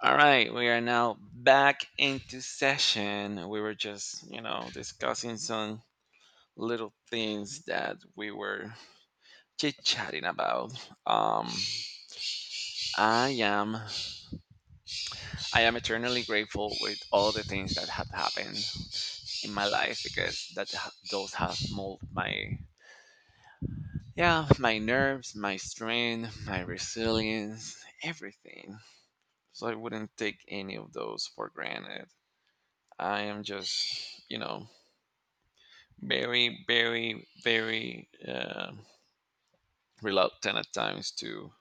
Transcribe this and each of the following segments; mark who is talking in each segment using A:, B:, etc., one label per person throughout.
A: All right, we are now back into session. We were just, you know, discussing some little things that we were chit-chatting about. Um, I am I am eternally grateful with all the things that have happened in my life because those have molded my yeah, my nerves, my strength, my resilience, everything. So I wouldn't take any of those for granted. I am just, you know, very reluctant at times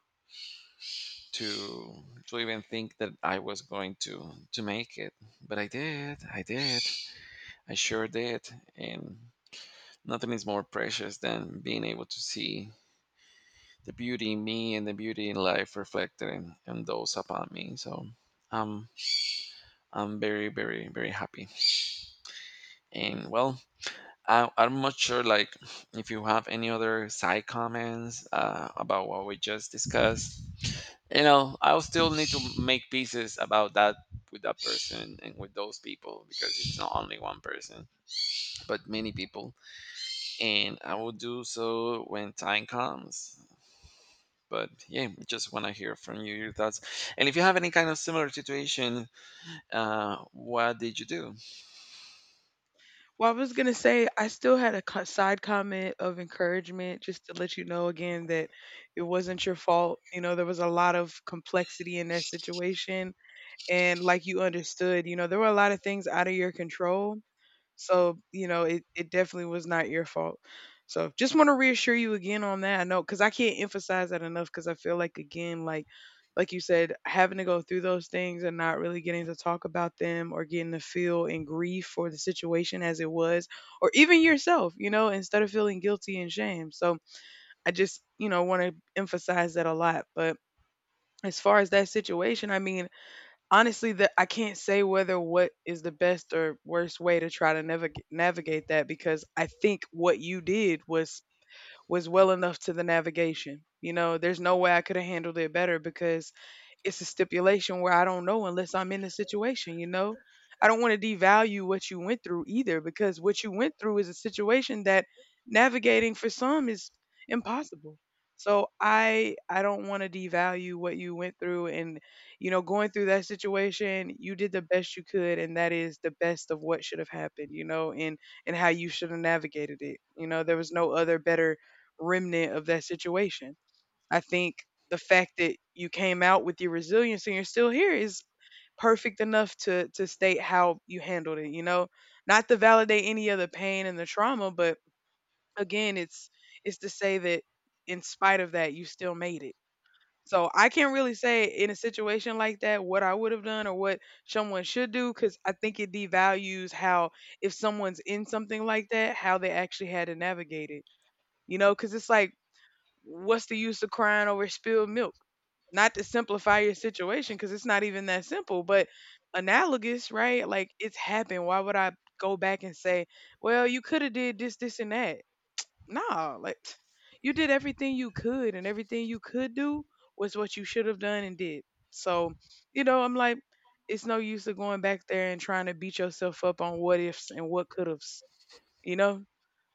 A: to to even think that I was going to make it, but I did. I sure did. And nothing is more precious than being able to see the beauty in me and the beauty in life reflected in those upon me. Um, I'm very very very happy. And, I'm not sure, like, if you have any other side comments about what we just discussed. You know, I'll still need to make pieces about that with that person and with those people because it's not only one person, but many people. And I will do so when time comes. But yeah, just want to hear from you your thoughts. And if you have any kind of similar situation, what did you do?
B: Well, I was going to say, I still had a co side comment of encouragement just to let you know again that it wasn't your fault. You know, there was a lot of complexity in that situation. And like you understood, you know, there were a lot of things out of your control. So, you know, it definitely was not your fault. So, just want to reassure you again on that. I know, because I can't emphasize that enough, because I feel like, again, like you said, having to go through those things and not really getting to talk about them or getting to feel in grief for the situation as it was, or even yourself, you know, instead of feeling guilty and shame. So, I just, you know, want to emphasize that a lot. But as far as that situation, I mean, honestly that I can't say whether what is the best or worst way to try to navigate that, because I think what you did was well enough to the navigation. You know, there's no way I could have handled it better, because it's a stipulation where I don't know unless I'm in the situation, you know? I don't want to devalue what you went through either, because what you went through is a situation that navigating for some is impossible. So I don't want to devalue what you went through. And you know, going through that situation, you did the best you could, and that is the best of what should have happened, you know, and how you should have navigated it. You know, there was no other better remnant of that situation. I think the fact that you came out with your resilience and you're still here is perfect enough to state how you handled it, you know? Not to validate any of the pain and the trauma, but again, it's to say that in spite of that, you still made it. So I can't really say in a situation like that what I would have done or what someone should do, because I think it devalues how, if someone's in something like that, how they actually had to navigate it. You know, because it's like, what's the use of crying over spilled milk? Not to simplify your situation, because it's not even that simple, but analogous, right? Like it's happened. Why would I go back and say, well, you could have did this, this, and that? No, like you did everything you could, and everything you could do was what you should have done and did. So, you know, I'm like, it's no use of going back there and trying to beat yourself up on what ifs and what could have's, you know?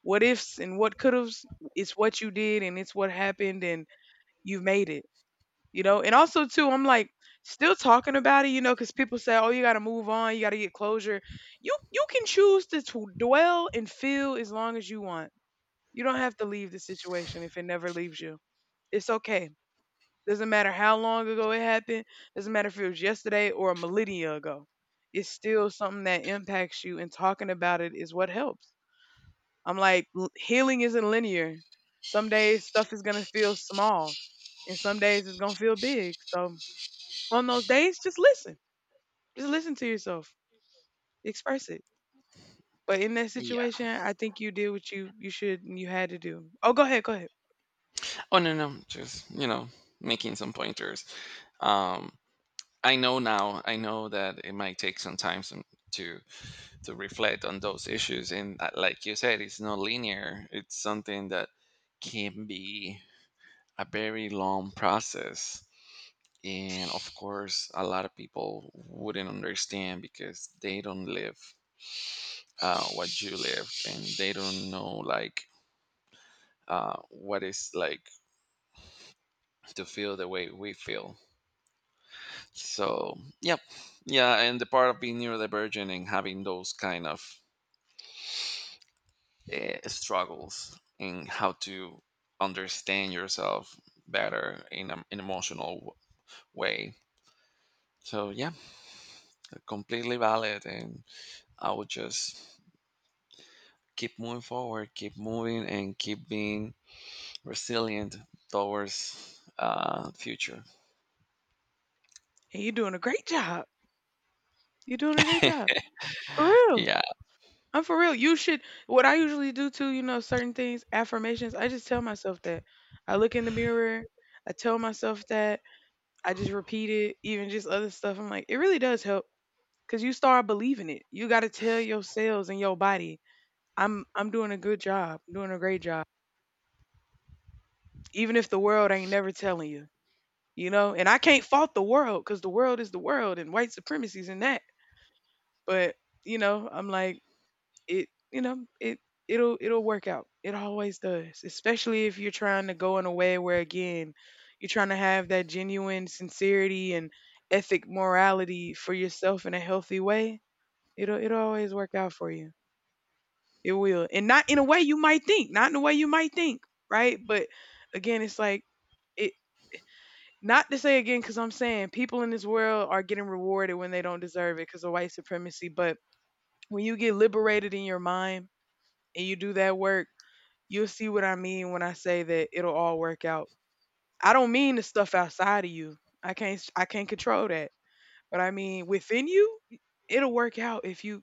B: What ifs and what could have's, it's what you did and it's what happened, and you've made it, you know? And also, too, I'm like still talking about it, you know, because people say, oh, you got to move on, you got to get closure. You can choose to dwell and feel as long as you want. You don't have to leave the situation if it never leaves you. It's okay. Doesn't matter how long ago it happened. Doesn't matter if it was yesterday or a millennia ago. It's still something that impacts you, and talking about it is what helps. I'm like, healing isn't linear. Some days stuff is going to feel small, and some days it's going to feel big. So on those days, just listen. Just listen to yourself, express it. But in that
A: Yeah.
B: situation, I think you did what you should and you had to do. Oh, go ahead, go ahead.
A: Oh, no, no, just you know, making some pointers. Um, I know now. I know that it might take some time to to reflect on those issues, and like you said, it's not linear. It's something that can be a very long process, and of course, a lot of people wouldn't understand because they don't live what you live, and they don't know like what it's like to feel the way we feel. So, yep, yeah, and the part of being neurodivergent and having those kind of struggles in how to understand yourself better in an way. So yeah, completely valid, and I would just keep moving forward, keep moving, and keep being resilient towards future.
B: And you're doing a great job. You're doing a great job. For real.
A: Yeah.
B: I'm for real. You should, what I usually do too, you know, certain things, affirmations, I just tell myself that. I look in the mirror, I tell myself that. I just repeat it, even just other stuff. I'm like, it really does help because you start believing it. You got to tell your cells and your body, I'm doing a good job, doing a great job, even if the world ain't never telling you, you know. And I can't fault the world, because the world is the world and white supremacy's and that. But you know, I'm like, it you know it'll it'll work out, it always does, especially if you're trying to go in a way where, again, you're trying to have that genuine sincerity and ethic morality for yourself in a healthy way. It'll always work out for you. It will. And not in a way you might think, not in a way you might think, right? But again, it's like, it, not to say, again, because I'm saying people in this world are getting rewarded when they don't deserve it because of white supremacy, but when you get liberated in your mind and you do that work, you'll see what I mean when I say that it'll all work out. I don't mean the stuff outside of you. I can't control that. But I mean within you, it'll work out if you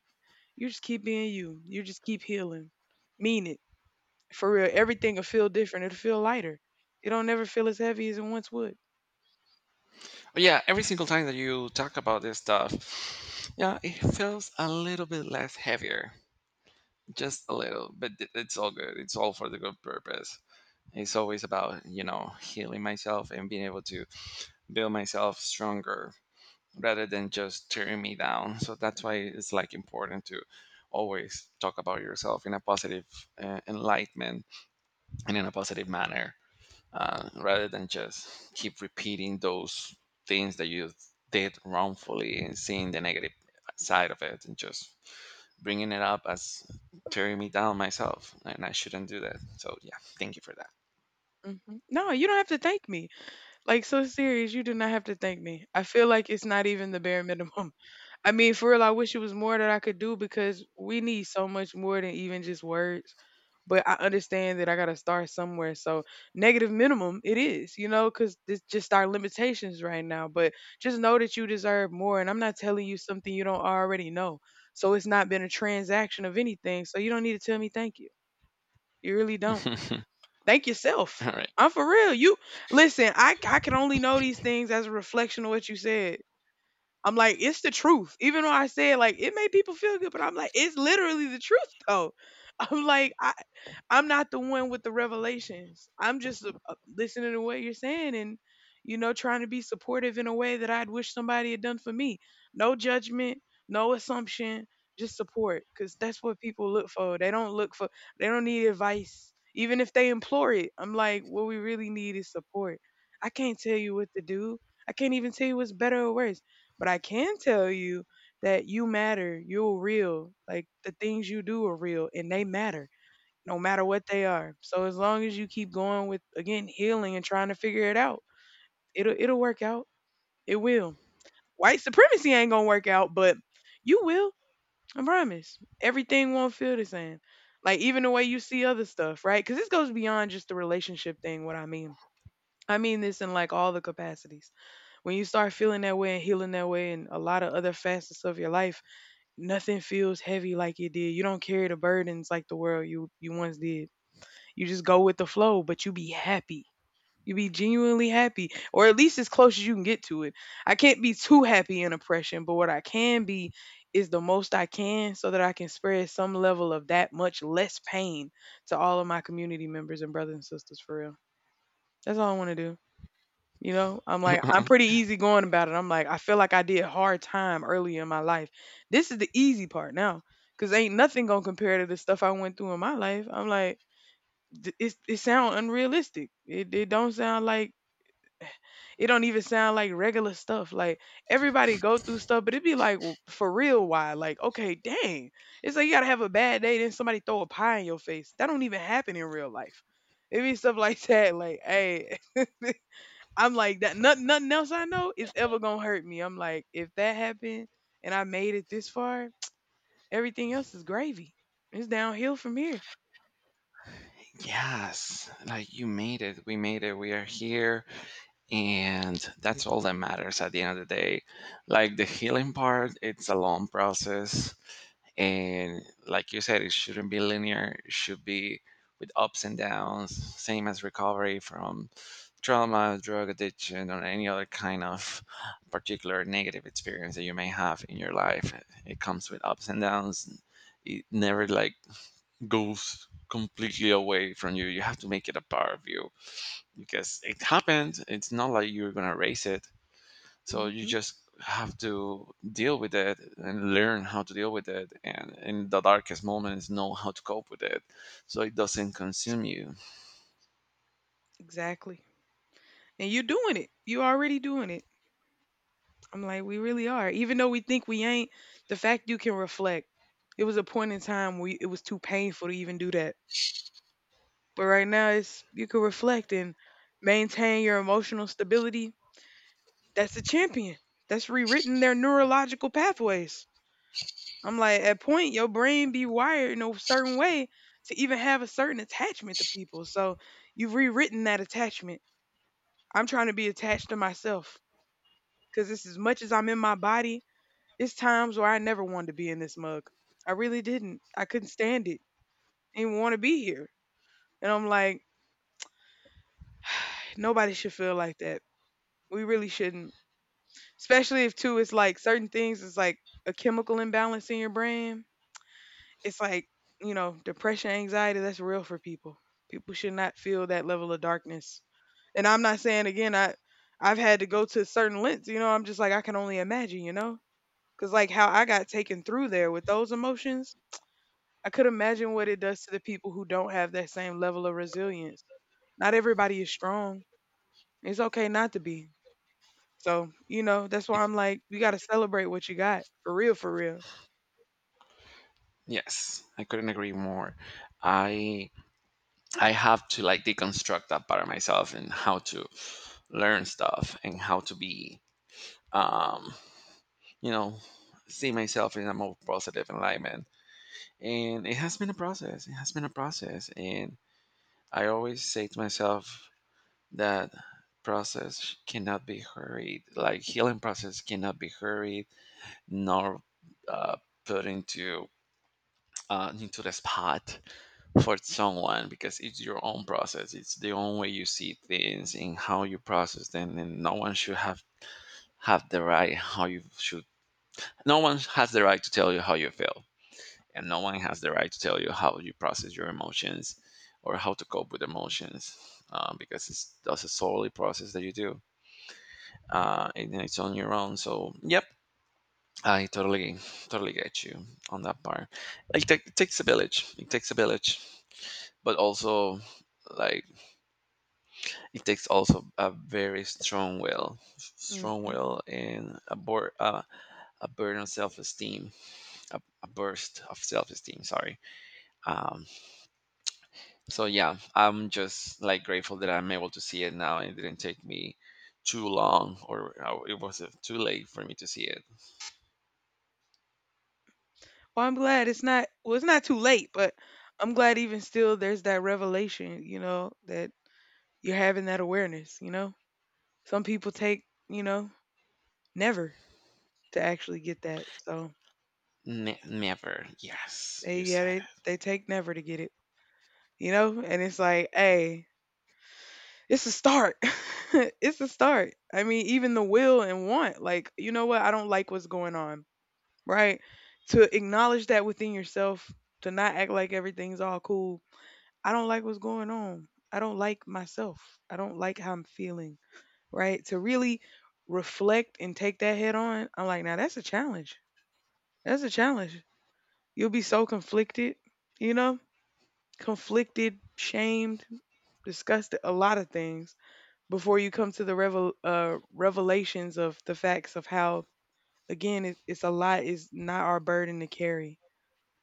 B: you just keep being you. You just keep healing. Mean it. For real. Everything'll feel different. It'll feel lighter. It don't never feel as heavy as it once would.
A: But yeah, every single time that you talk about this stuff, yeah, it feels a little bit less heavier. Just a little, but it's all good. It's all for the good purpose. It's always about, you know, healing myself and being able to build myself stronger rather than just tearing me down. So that's why it's like important to always talk about yourself in a positive enlightenment and in a positive manner rather than just keep repeating those things that you did wrongfully and seeing the negative side of it and just bringing it up as tearing me down myself, and I shouldn't do that. So yeah, thank you for that.
B: No, you don't have to thank me. Like so serious, you do not have to thank me. I feel like it's not even the bare minimum. I mean, for real, I wish it was more that I could do, because we need so much more than even just words. But I understand that I gotta start somewhere. So negative minimum it is, you know, because it's just our limitations right now. But just know that you deserve more. And I'm not telling you something you don't already know. So it's not been a transaction of anything. So you don't need to tell me thank you. You really don't. Thank yourself.
A: All right.
B: I'm for real. You listen, I can only know these things as a reflection of what you said. I'm like, it's the truth. Even though I said like it made people feel good, but I'm like, it's literally the truth though. I'm like, I, I'm not the one with the revelations. I'm just listening to what you're saying, and, you know, trying to be supportive in a way that I'd wish somebody had done for me. No judgment, no assumption, just support, because that's what people look for. They don't look for, they don't need advice. Even if they implore it, I'm like, what we really need is support. I can't tell you what to do. I can't even tell you what's better or worse, but I can tell you that you matter. You're real. Like the things you do are real and they matter no matter what they are. So as long as you keep going with, again, healing and trying to figure it out, it'll work out. It will. White supremacy ain't gonna work out, but you will. I promise. Everything won't feel the same. Like even the way you see other stuff, right? Because this goes beyond just the relationship thing. What I mean this in like all the capacities. When you start feeling that way and healing that way, and a lot of other facets of your life, nothing feels heavy like it did. You don't carry the burdens like the world you once did. You just go with the flow, but you be happy. You be genuinely happy, or at least as close as you can get to it. I can't be too happy in oppression, but what I can be is the most I can, so that I can spread some level of that much less pain to all of my community members and brothers and sisters, for real. That's all I want to do. You know, I'm like, I'm
A: Uh-uh.
B: pretty easy going about it. I'm like, I feel like I did hard time early in my life. This is the easy part now, because ain't nothing gonna compare to the stuff I went through in my life. I'm like, it's it sound unrealistic. It don't sound like it don't even sound like regular stuff. Like everybody go through stuff, but it'd be like for real why? Like okay, dang, it's like you gotta have a bad day, then somebody throw a pie in your face. That don't even happen in real life. It be stuff like that. Like hey, I'm like that. Nothing else I know is ever gonna hurt me. I'm like, if that happened and I made it this far, everything else is gravy. It's downhill from here.
A: Yes, like you made it. We made it. We are here. And that's all that matters at the end of the day. Like the healing part, it's a long process. And like you said, it shouldn't be linear, it should be with ups and downs, same as recovery from trauma, drug addiction, or any other kind of particular negative experience that you may have in your life. It comes with ups and downs. It never like goes completely away from you. You have to make it a part of you because it happened. It's not like you're going to erase it. So you
B: hmm
A: just have to deal with it and learn how to deal with it. And in the darkest moments, know how to cope with it so it doesn't consume you.
B: Exactly. And you're doing it. You already doing it. I'm like, we really are. Even though we think we ain't, the fact you can reflect. It was a point in time where it was too painful to even do that. But right now it's you can reflect and maintain your emotional stability. That's a champion. That's rewritten their neurological pathways. I'm like, at point your brain be wired in a certain way to even have a certain attachment to people. So you've rewritten that attachment. I'm trying to be attached to myself because it's as much as I'm in my body. It's times where I never wanted to be in this mug. I really didn't. I couldn't stand it. Didn't want to be here. And I'm like, nobody should feel like that. We really shouldn't. Especially if too it's like certain things is like a chemical imbalance in your brain. It's like, depression, anxiety, that's real for people. People should not feel that level of darkness. And I'm not saying again, I've had to go to certain lengths, you know, I'm just like I can only imagine, you know? Cuz like how I got taken through there with those emotions, I could imagine what it does to the people who don't have that same level of resilience. Not everybody is strong. It's okay not to be. So, you know, that's why I'm like, you got to celebrate what you got for real, for real.
A: Yes, I couldn't agree more. I I have to like deconstruct that part of myself and how to learn stuff and how to be um, you know, see myself in a more positive enlightenment. And it has been a process it has been a process And I always say to myself that process cannot be hurried. Like healing process cannot be hurried, nor uh, put into the spot for someone, because it's your own process. It's the own way you see things and how you process them. And no one should have the right how you should no one has the right to tell you how you feel, and no one has the right to tell you how you process your emotions or how to cope with emotions, because it's that's a solely process that you do, and it's on your own. So yep, I totally get you on that part. It takes a village. It takes a village. But also, like, it takes also a very strong will strong
B: Hmm.
A: will and a burden of self-esteem, a burst of self-esteem, sorry. um, so yeah, I'm just like grateful that I'm able to see it now. It didn't take me too long, or it was too late for me to see it.
B: Well, I'm glad it's not, well, it's not too late, but I'm glad even still there's that revelation, you know, that you're having that awareness, you know? Some people take, you know, never to actually get that. So,
A: Never, yes,
B: they,
A: you
B: yeah,
A: said
B: they,
A: it.
B: they take never to get it, you know? And it's like, hey, it's a start. It's a start. I mean, even the will and want, like, you know what? I don't like what's going on, right? To acknowledge that within yourself, to not act like everything's all cool. I don't like what's going on. I don't like myself. I don't like how I'm feeling, right? To really reflect and take that head on, I'm like, now that's a challenge. That's a challenge. You'll be so conflicted, you know? Conflicted, shamed, disgusted, a lot of things before you come to the revelations of the facts of how again it's a lot is not our burden to carry.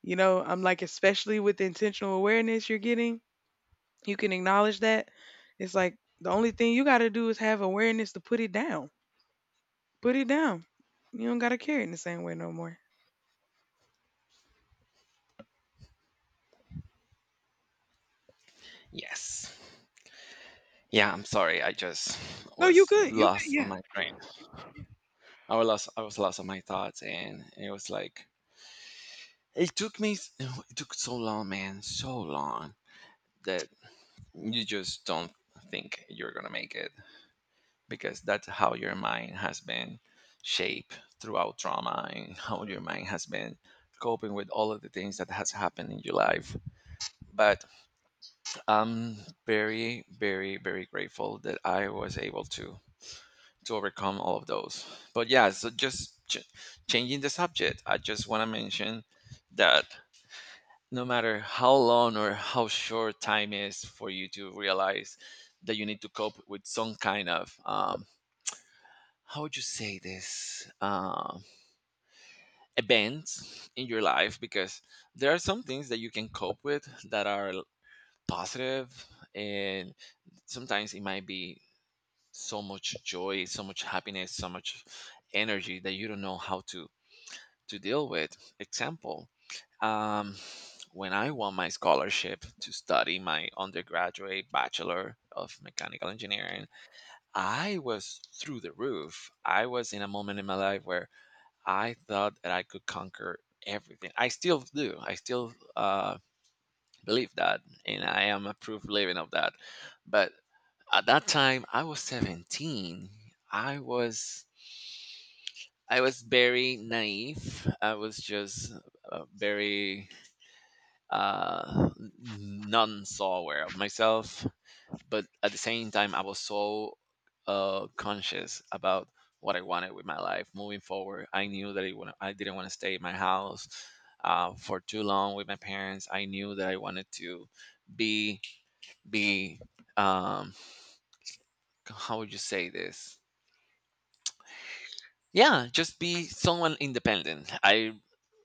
B: You know, I'm like, especially with the intentional awareness you're getting, you can acknowledge that. It's like the only thing you got to do is have awareness to put it down. Put it down. You don't got to carry it in the same way no more.
A: Yes. Yeah, I'm sorry, I just
B: No, you
A: was
B: could, you could,
A: lost on
B: yeah.
A: my brain. I was lost I was lost on my thoughts, and it was like It took me, s- it took so long, man, so long, that you just don't think you're gonna make it, because that's how your mind has been shaped throughout trauma, and how your mind has been coping with all of the things that has happened in your life. But I'm very, very, very grateful that I was able to overcome all of those. But yeah, so just changing the subject, I just want to mention that no matter how long or how short time is for you to realize that you need to cope with some kind of how would you say this, events in your life, because there are some things that you can cope with that positive, and sometimes it might be so much joy, so much happiness, so much energy that you don't know how to deal with. Example. Um, when I won my scholarship to study my undergraduate bachelor of mechanical engineering, I was through the roof. I was in a moment in my life where I thought that I could conquer everything. I still do. I still believe that, and I am a proof living of that. But at that time, I was 17. I was I was very naive. I was just very uh, none so aware of myself, but at the same time, I was so conscious about what I wanted with my life moving forward. I knew that I didn't want to stay in my house for too long with my parents. I knew that I wanted to be be um, how would you say this? Yeah, just be someone independent. I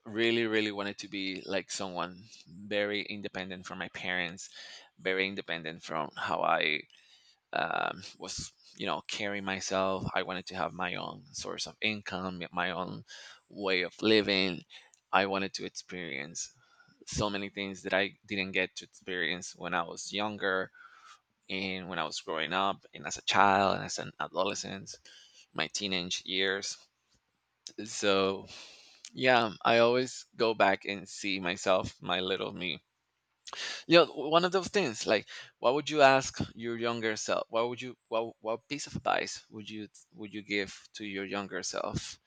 A: really really wanted to be like someone very independent from my parents, very independent from how I was, you know, carrying myself. I wanted to have my own source of income, my own way of living. I wanted to experience so many things that I didn't get to experience when I was younger and when I was growing up and as a child and as an adolescent, my teenage years. So yeah, I always go back and see myself, my little me. You know, one of those things, like what would you ask your younger self? What piece of advice would you give to your younger self?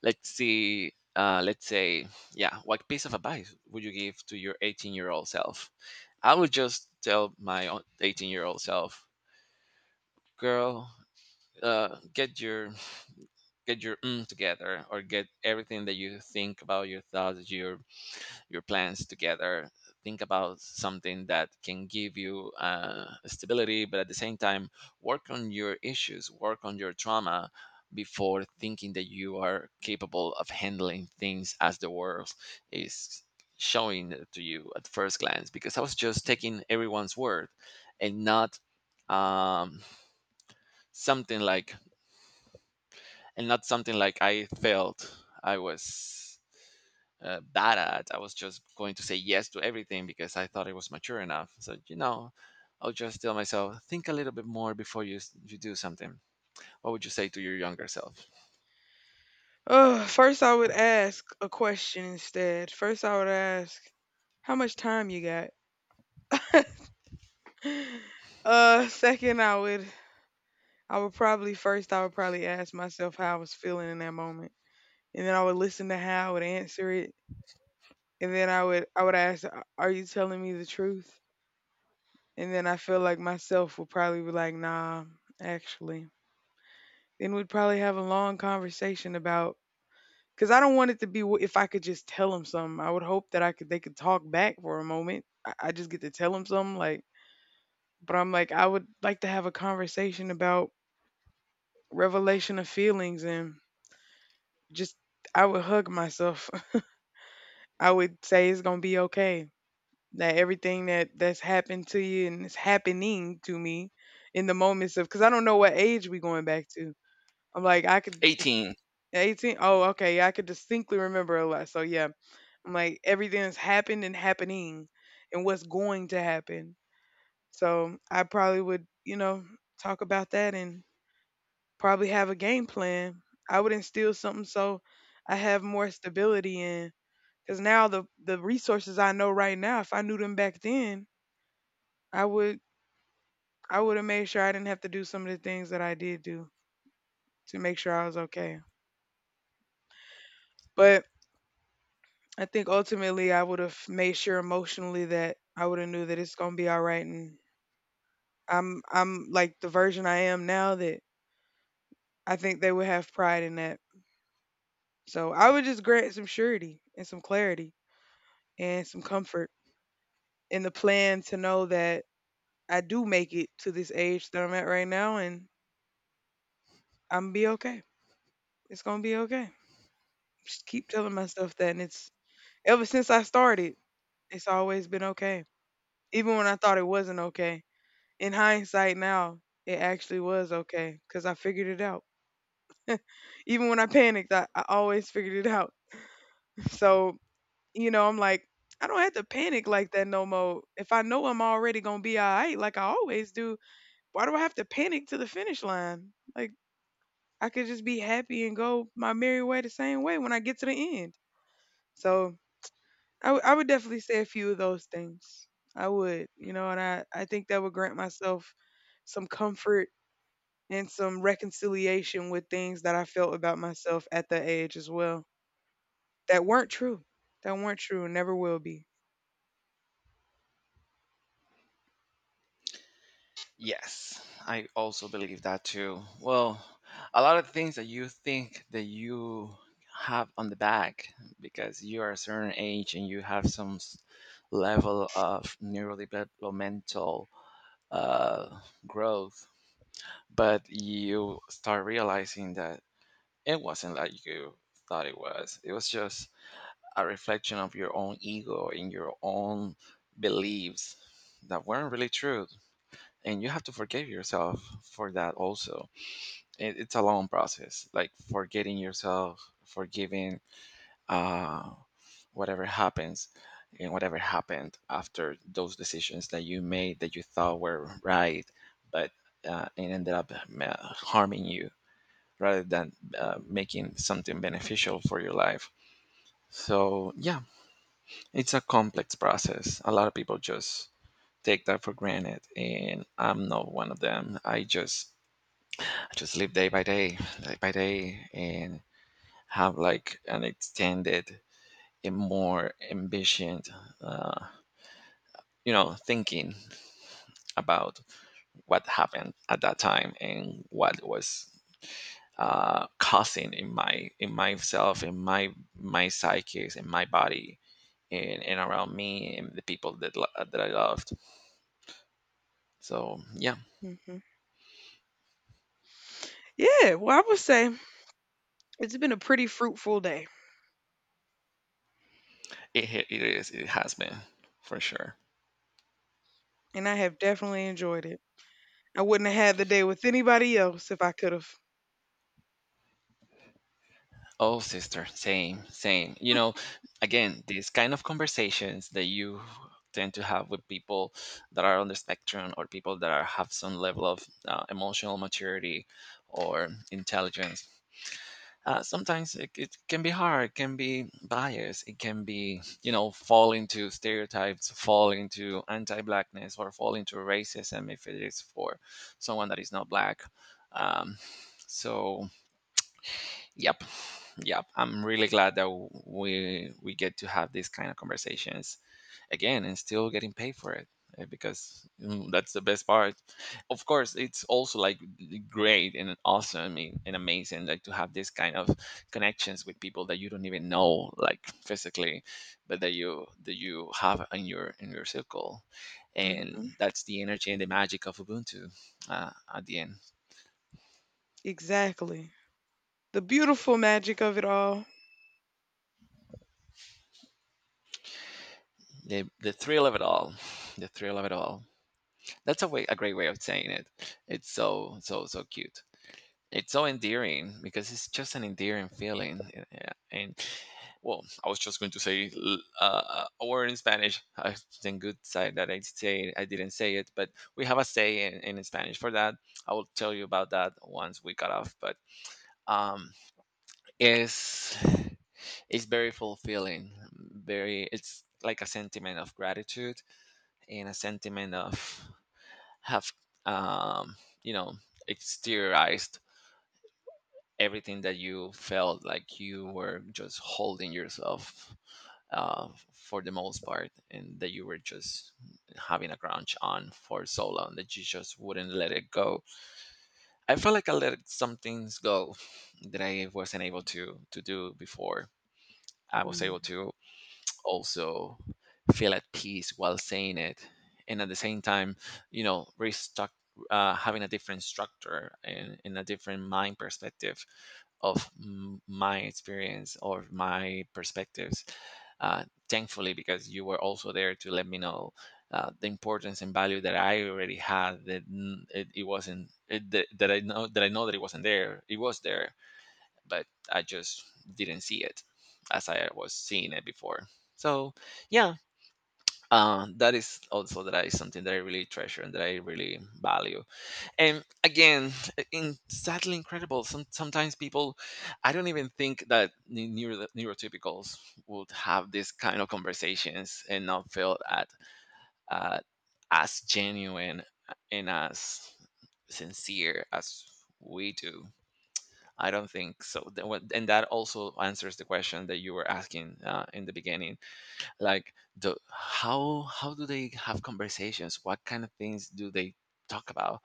A: Let's see, let's say yeah, what piece of advice would you give to your 18-year-old self? I would just tell my 18-year-old self, "Girl, get your together, or get everything that you think about, your thoughts, your plans together. Think about something that can give you stability, but at the same time work on your issues, work on your trauma before thinking that you are capable of handling things as the world is showing it to you at first glance, because I was just taking everyone's word, and not um, something like and not something like I felt I was bad at. I was just going to say yes to everything because I thought I was mature enough. So you know, I'll just tell myself think a little bit more before you do something. What would you say to your younger self?"
B: First I would ask a question instead. First I would ask, how much time you got? Second I would, I would probably first I would probably ask myself how I was feeling in that moment. And then I would listen to how I would answer it. And then I would ask, "A- Are you telling me the truth?" And then I feel like myself would probably be like, nah, actually. Then we'd probably have a long conversation about, because I don't want it to be wh- if I could just tell them something. I would hope that I could, they could talk back for a moment. I just get to tell them something like, but I'm like I would like to have a conversation about revelation of feelings and just, I would hug myself. I would say it's gonna be okay. That everything that that's happened to you and is happening to me in the moments of, because I don't know what age we going back to. I'm like I could dis-
A: 18.
B: 18. Oh, okay, I could distinctly remember a lot. So yeah, I'm like everything that's happened and happening, and what's going to happen. So I probably would, you know, talk about that and probably have a game plan. I would instill something so I have more stability and, cause now the resources I know right now, if I knew them back then, I would I would have made sure I didn't have to do some of the things that I did do to make sure I was okay. But I think ultimately I would have made sure emotionally that I would have knew that it's gonna be all right, and I'm like the version I am now that I think they would have pride in that. So I would just grant some surety and some clarity and some comfort in the plan to know that I do make it to this age that I'm at right now, and I'm be okay. It's gonna be okay. Just keep telling myself that, and it's, ever since I started, it's always been okay. Even when I thought it wasn't okay, in hindsight now, it actually was okay because I figured it out. Even when I panicked, I always figured it out. So you know, I'm like, I don't have to panic like that no more. If I know I'm already gonna be all right, like I always do, why do I have to panic to the finish line? Like I could just be happy and go my merry way the same way when I get to the end. So I would definitely say a few of those things. I would, you know, and I think that would grant myself some comfort and some reconciliation with things that I felt about myself at that age as well that weren't true, that weren't true, and never will be.
A: Yes, I also believe that too. Well, a lot of things that you think that you have on the back because you are a certain age and you have some level of neurodevelopmental uh, growth, but you start realizing that it wasn't like you thought it was. It was just a reflection of your own ego and your own beliefs that weren't really true, and you have to forgive yourself for that also. It's a long process, like forgetting yourself, forgiving uh, whatever happens and whatever happened after those decisions that you made that you thought were right, but it ended up harming you rather than making something beneficial for your life. So yeah, it's a complex process. A lot of people just take that for granted, and I'm not one of them. I just live day by day, and have, like, an extended and more ambitious, uh, thinking about what happened at that time and what was causing in my, in myself, in my psyches, in my body, and around me and the people that that I loved. So yeah,
B: Hmm. Yeah, well, I would say it's been a pretty fruitful day,
A: it it is it has been for sure.
B: and I have definitely enjoyed it. I wouldn't have had the day with anybody else if I could have.
A: Oh, sister, same, same. You know, again, these kind of conversations that you tend to have with people that are on the spectrum, or people that are, have some level of emotional maturity or intelligence. Sometimes it can be hard, it can be biased, it can be, you know, fall into stereotypes, fall into anti blackness, or fall into racism if it is for someone that is not black. Um, so, yep, yeah, I'm really glad that we get to have these kind of conversations again and still getting paid for it, eh, because, that's the best part. Of course, it's also, like, great and awesome and amazing, like, to have this kind of connections with people that you don't even know, like, physically, but that you have in your circle. And
B: Hmm.
A: that's the energy and the magic of Ubuntu, at the end.
B: Exactly. The beautiful magic of it all.
A: The thrill of it all, the thrill of it all. That's a way, a great way of saying it. It's so, so, so cute. It's so endearing because it's just an endearing feeling. Yeah. And well, I was just going to say a word in Spanish. I think good side that I say I didn't say it, but we have a say in Spanish for that. I will tell you about that once we cut off. But um, it's it's very fulfilling. Very, it's like a sentiment of gratitude, and a sentiment of have, um, you know exteriorized everything that you felt like you were just holding yourself for the most part, and that you were just having a crunch on for so long that you just wouldn't let it go. I felt like I let some things go that I wasn't able to do before. I was
B: Mm.
A: able to also feel at peace while saying it, and at the same time, you know, restruct, having a different structure and a different mind perspective of my experience or my perspectives. Thankfully, because you were also there to let me know the importance and value that I already had, that it, it wasn't it, that I know that I know that it wasn't there, it was there, but I just didn't see it as I was seeing it before. So yeah, that is also, that is something that I really treasure and that I really value. And again, in sadly incredible. Sometimes people, I don't even think that neurotypicals would have this kind of conversations and not feel at uh, as genuine and as sincere as we do. I don't think so. And that also answers the question that you were asking, in the beginning, like, the how do they have conversations? What kind of things do they talk about?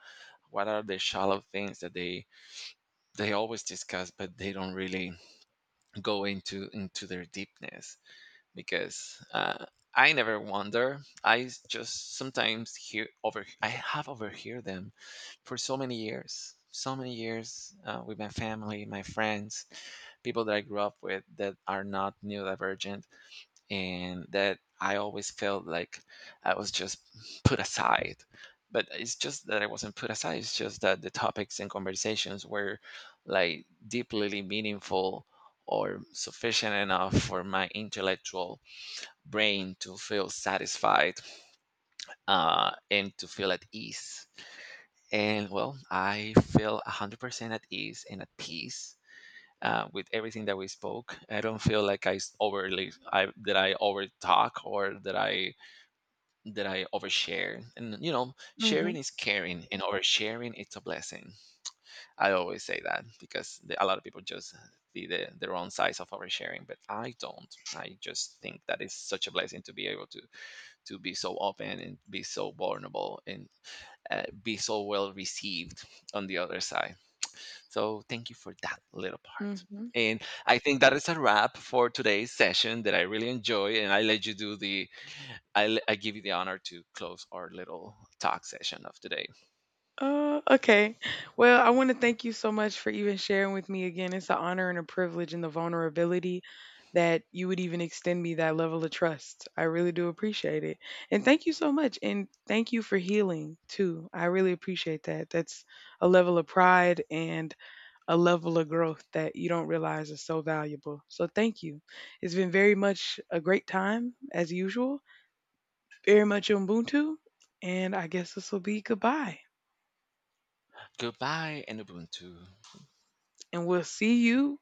A: What are the shallow things that they always discuss, but they don't really go into their deepness? Because I never wonder. Just sometimes hear over. I have overheard them for so many years, so many years, with my family, my friends, people that I grew up with that are not neurodivergent, and that I always felt like I was just put aside. But it's just that I wasn't put aside, it's just that the topics and conversations were like deeply meaningful or sufficient enough for my intellectual brain to feel satisfied, and to feel at ease. And well, I feel 100% at ease and at peace, with everything that we spoke. I don't feel like overly I, that I over talk or that I overshare. And you know, sharing
B: Mhm,
A: is caring, and oversharing, it's a blessing. I always say that because a lot of people just see the wrong sides of oversharing, but I don't. I just think that it's such a blessing to be able to be so open and be so vulnerable and be so well received on the other side. So thank you for that little part.
B: mhm.
A: And I think that is a wrap for today's session that I really enjoy. And I let you do the, I give you the honor to close our little talk session of today.
B: Oh, okay. Well, I want to thank you so much for even sharing with me again. It's an honor and a privilege and the vulnerability that you would even extend me that level of trust. I really do appreciate it. And thank you so much. And thank you for healing too. I really appreciate that. That's a level of pride and a level of growth that you don't realize is so valuable. So thank you. It's been very much a great time as usual. Very much Ubuntu. And I guess this will be goodbye.
A: Goodbye and Ubuntu.
B: And we'll see you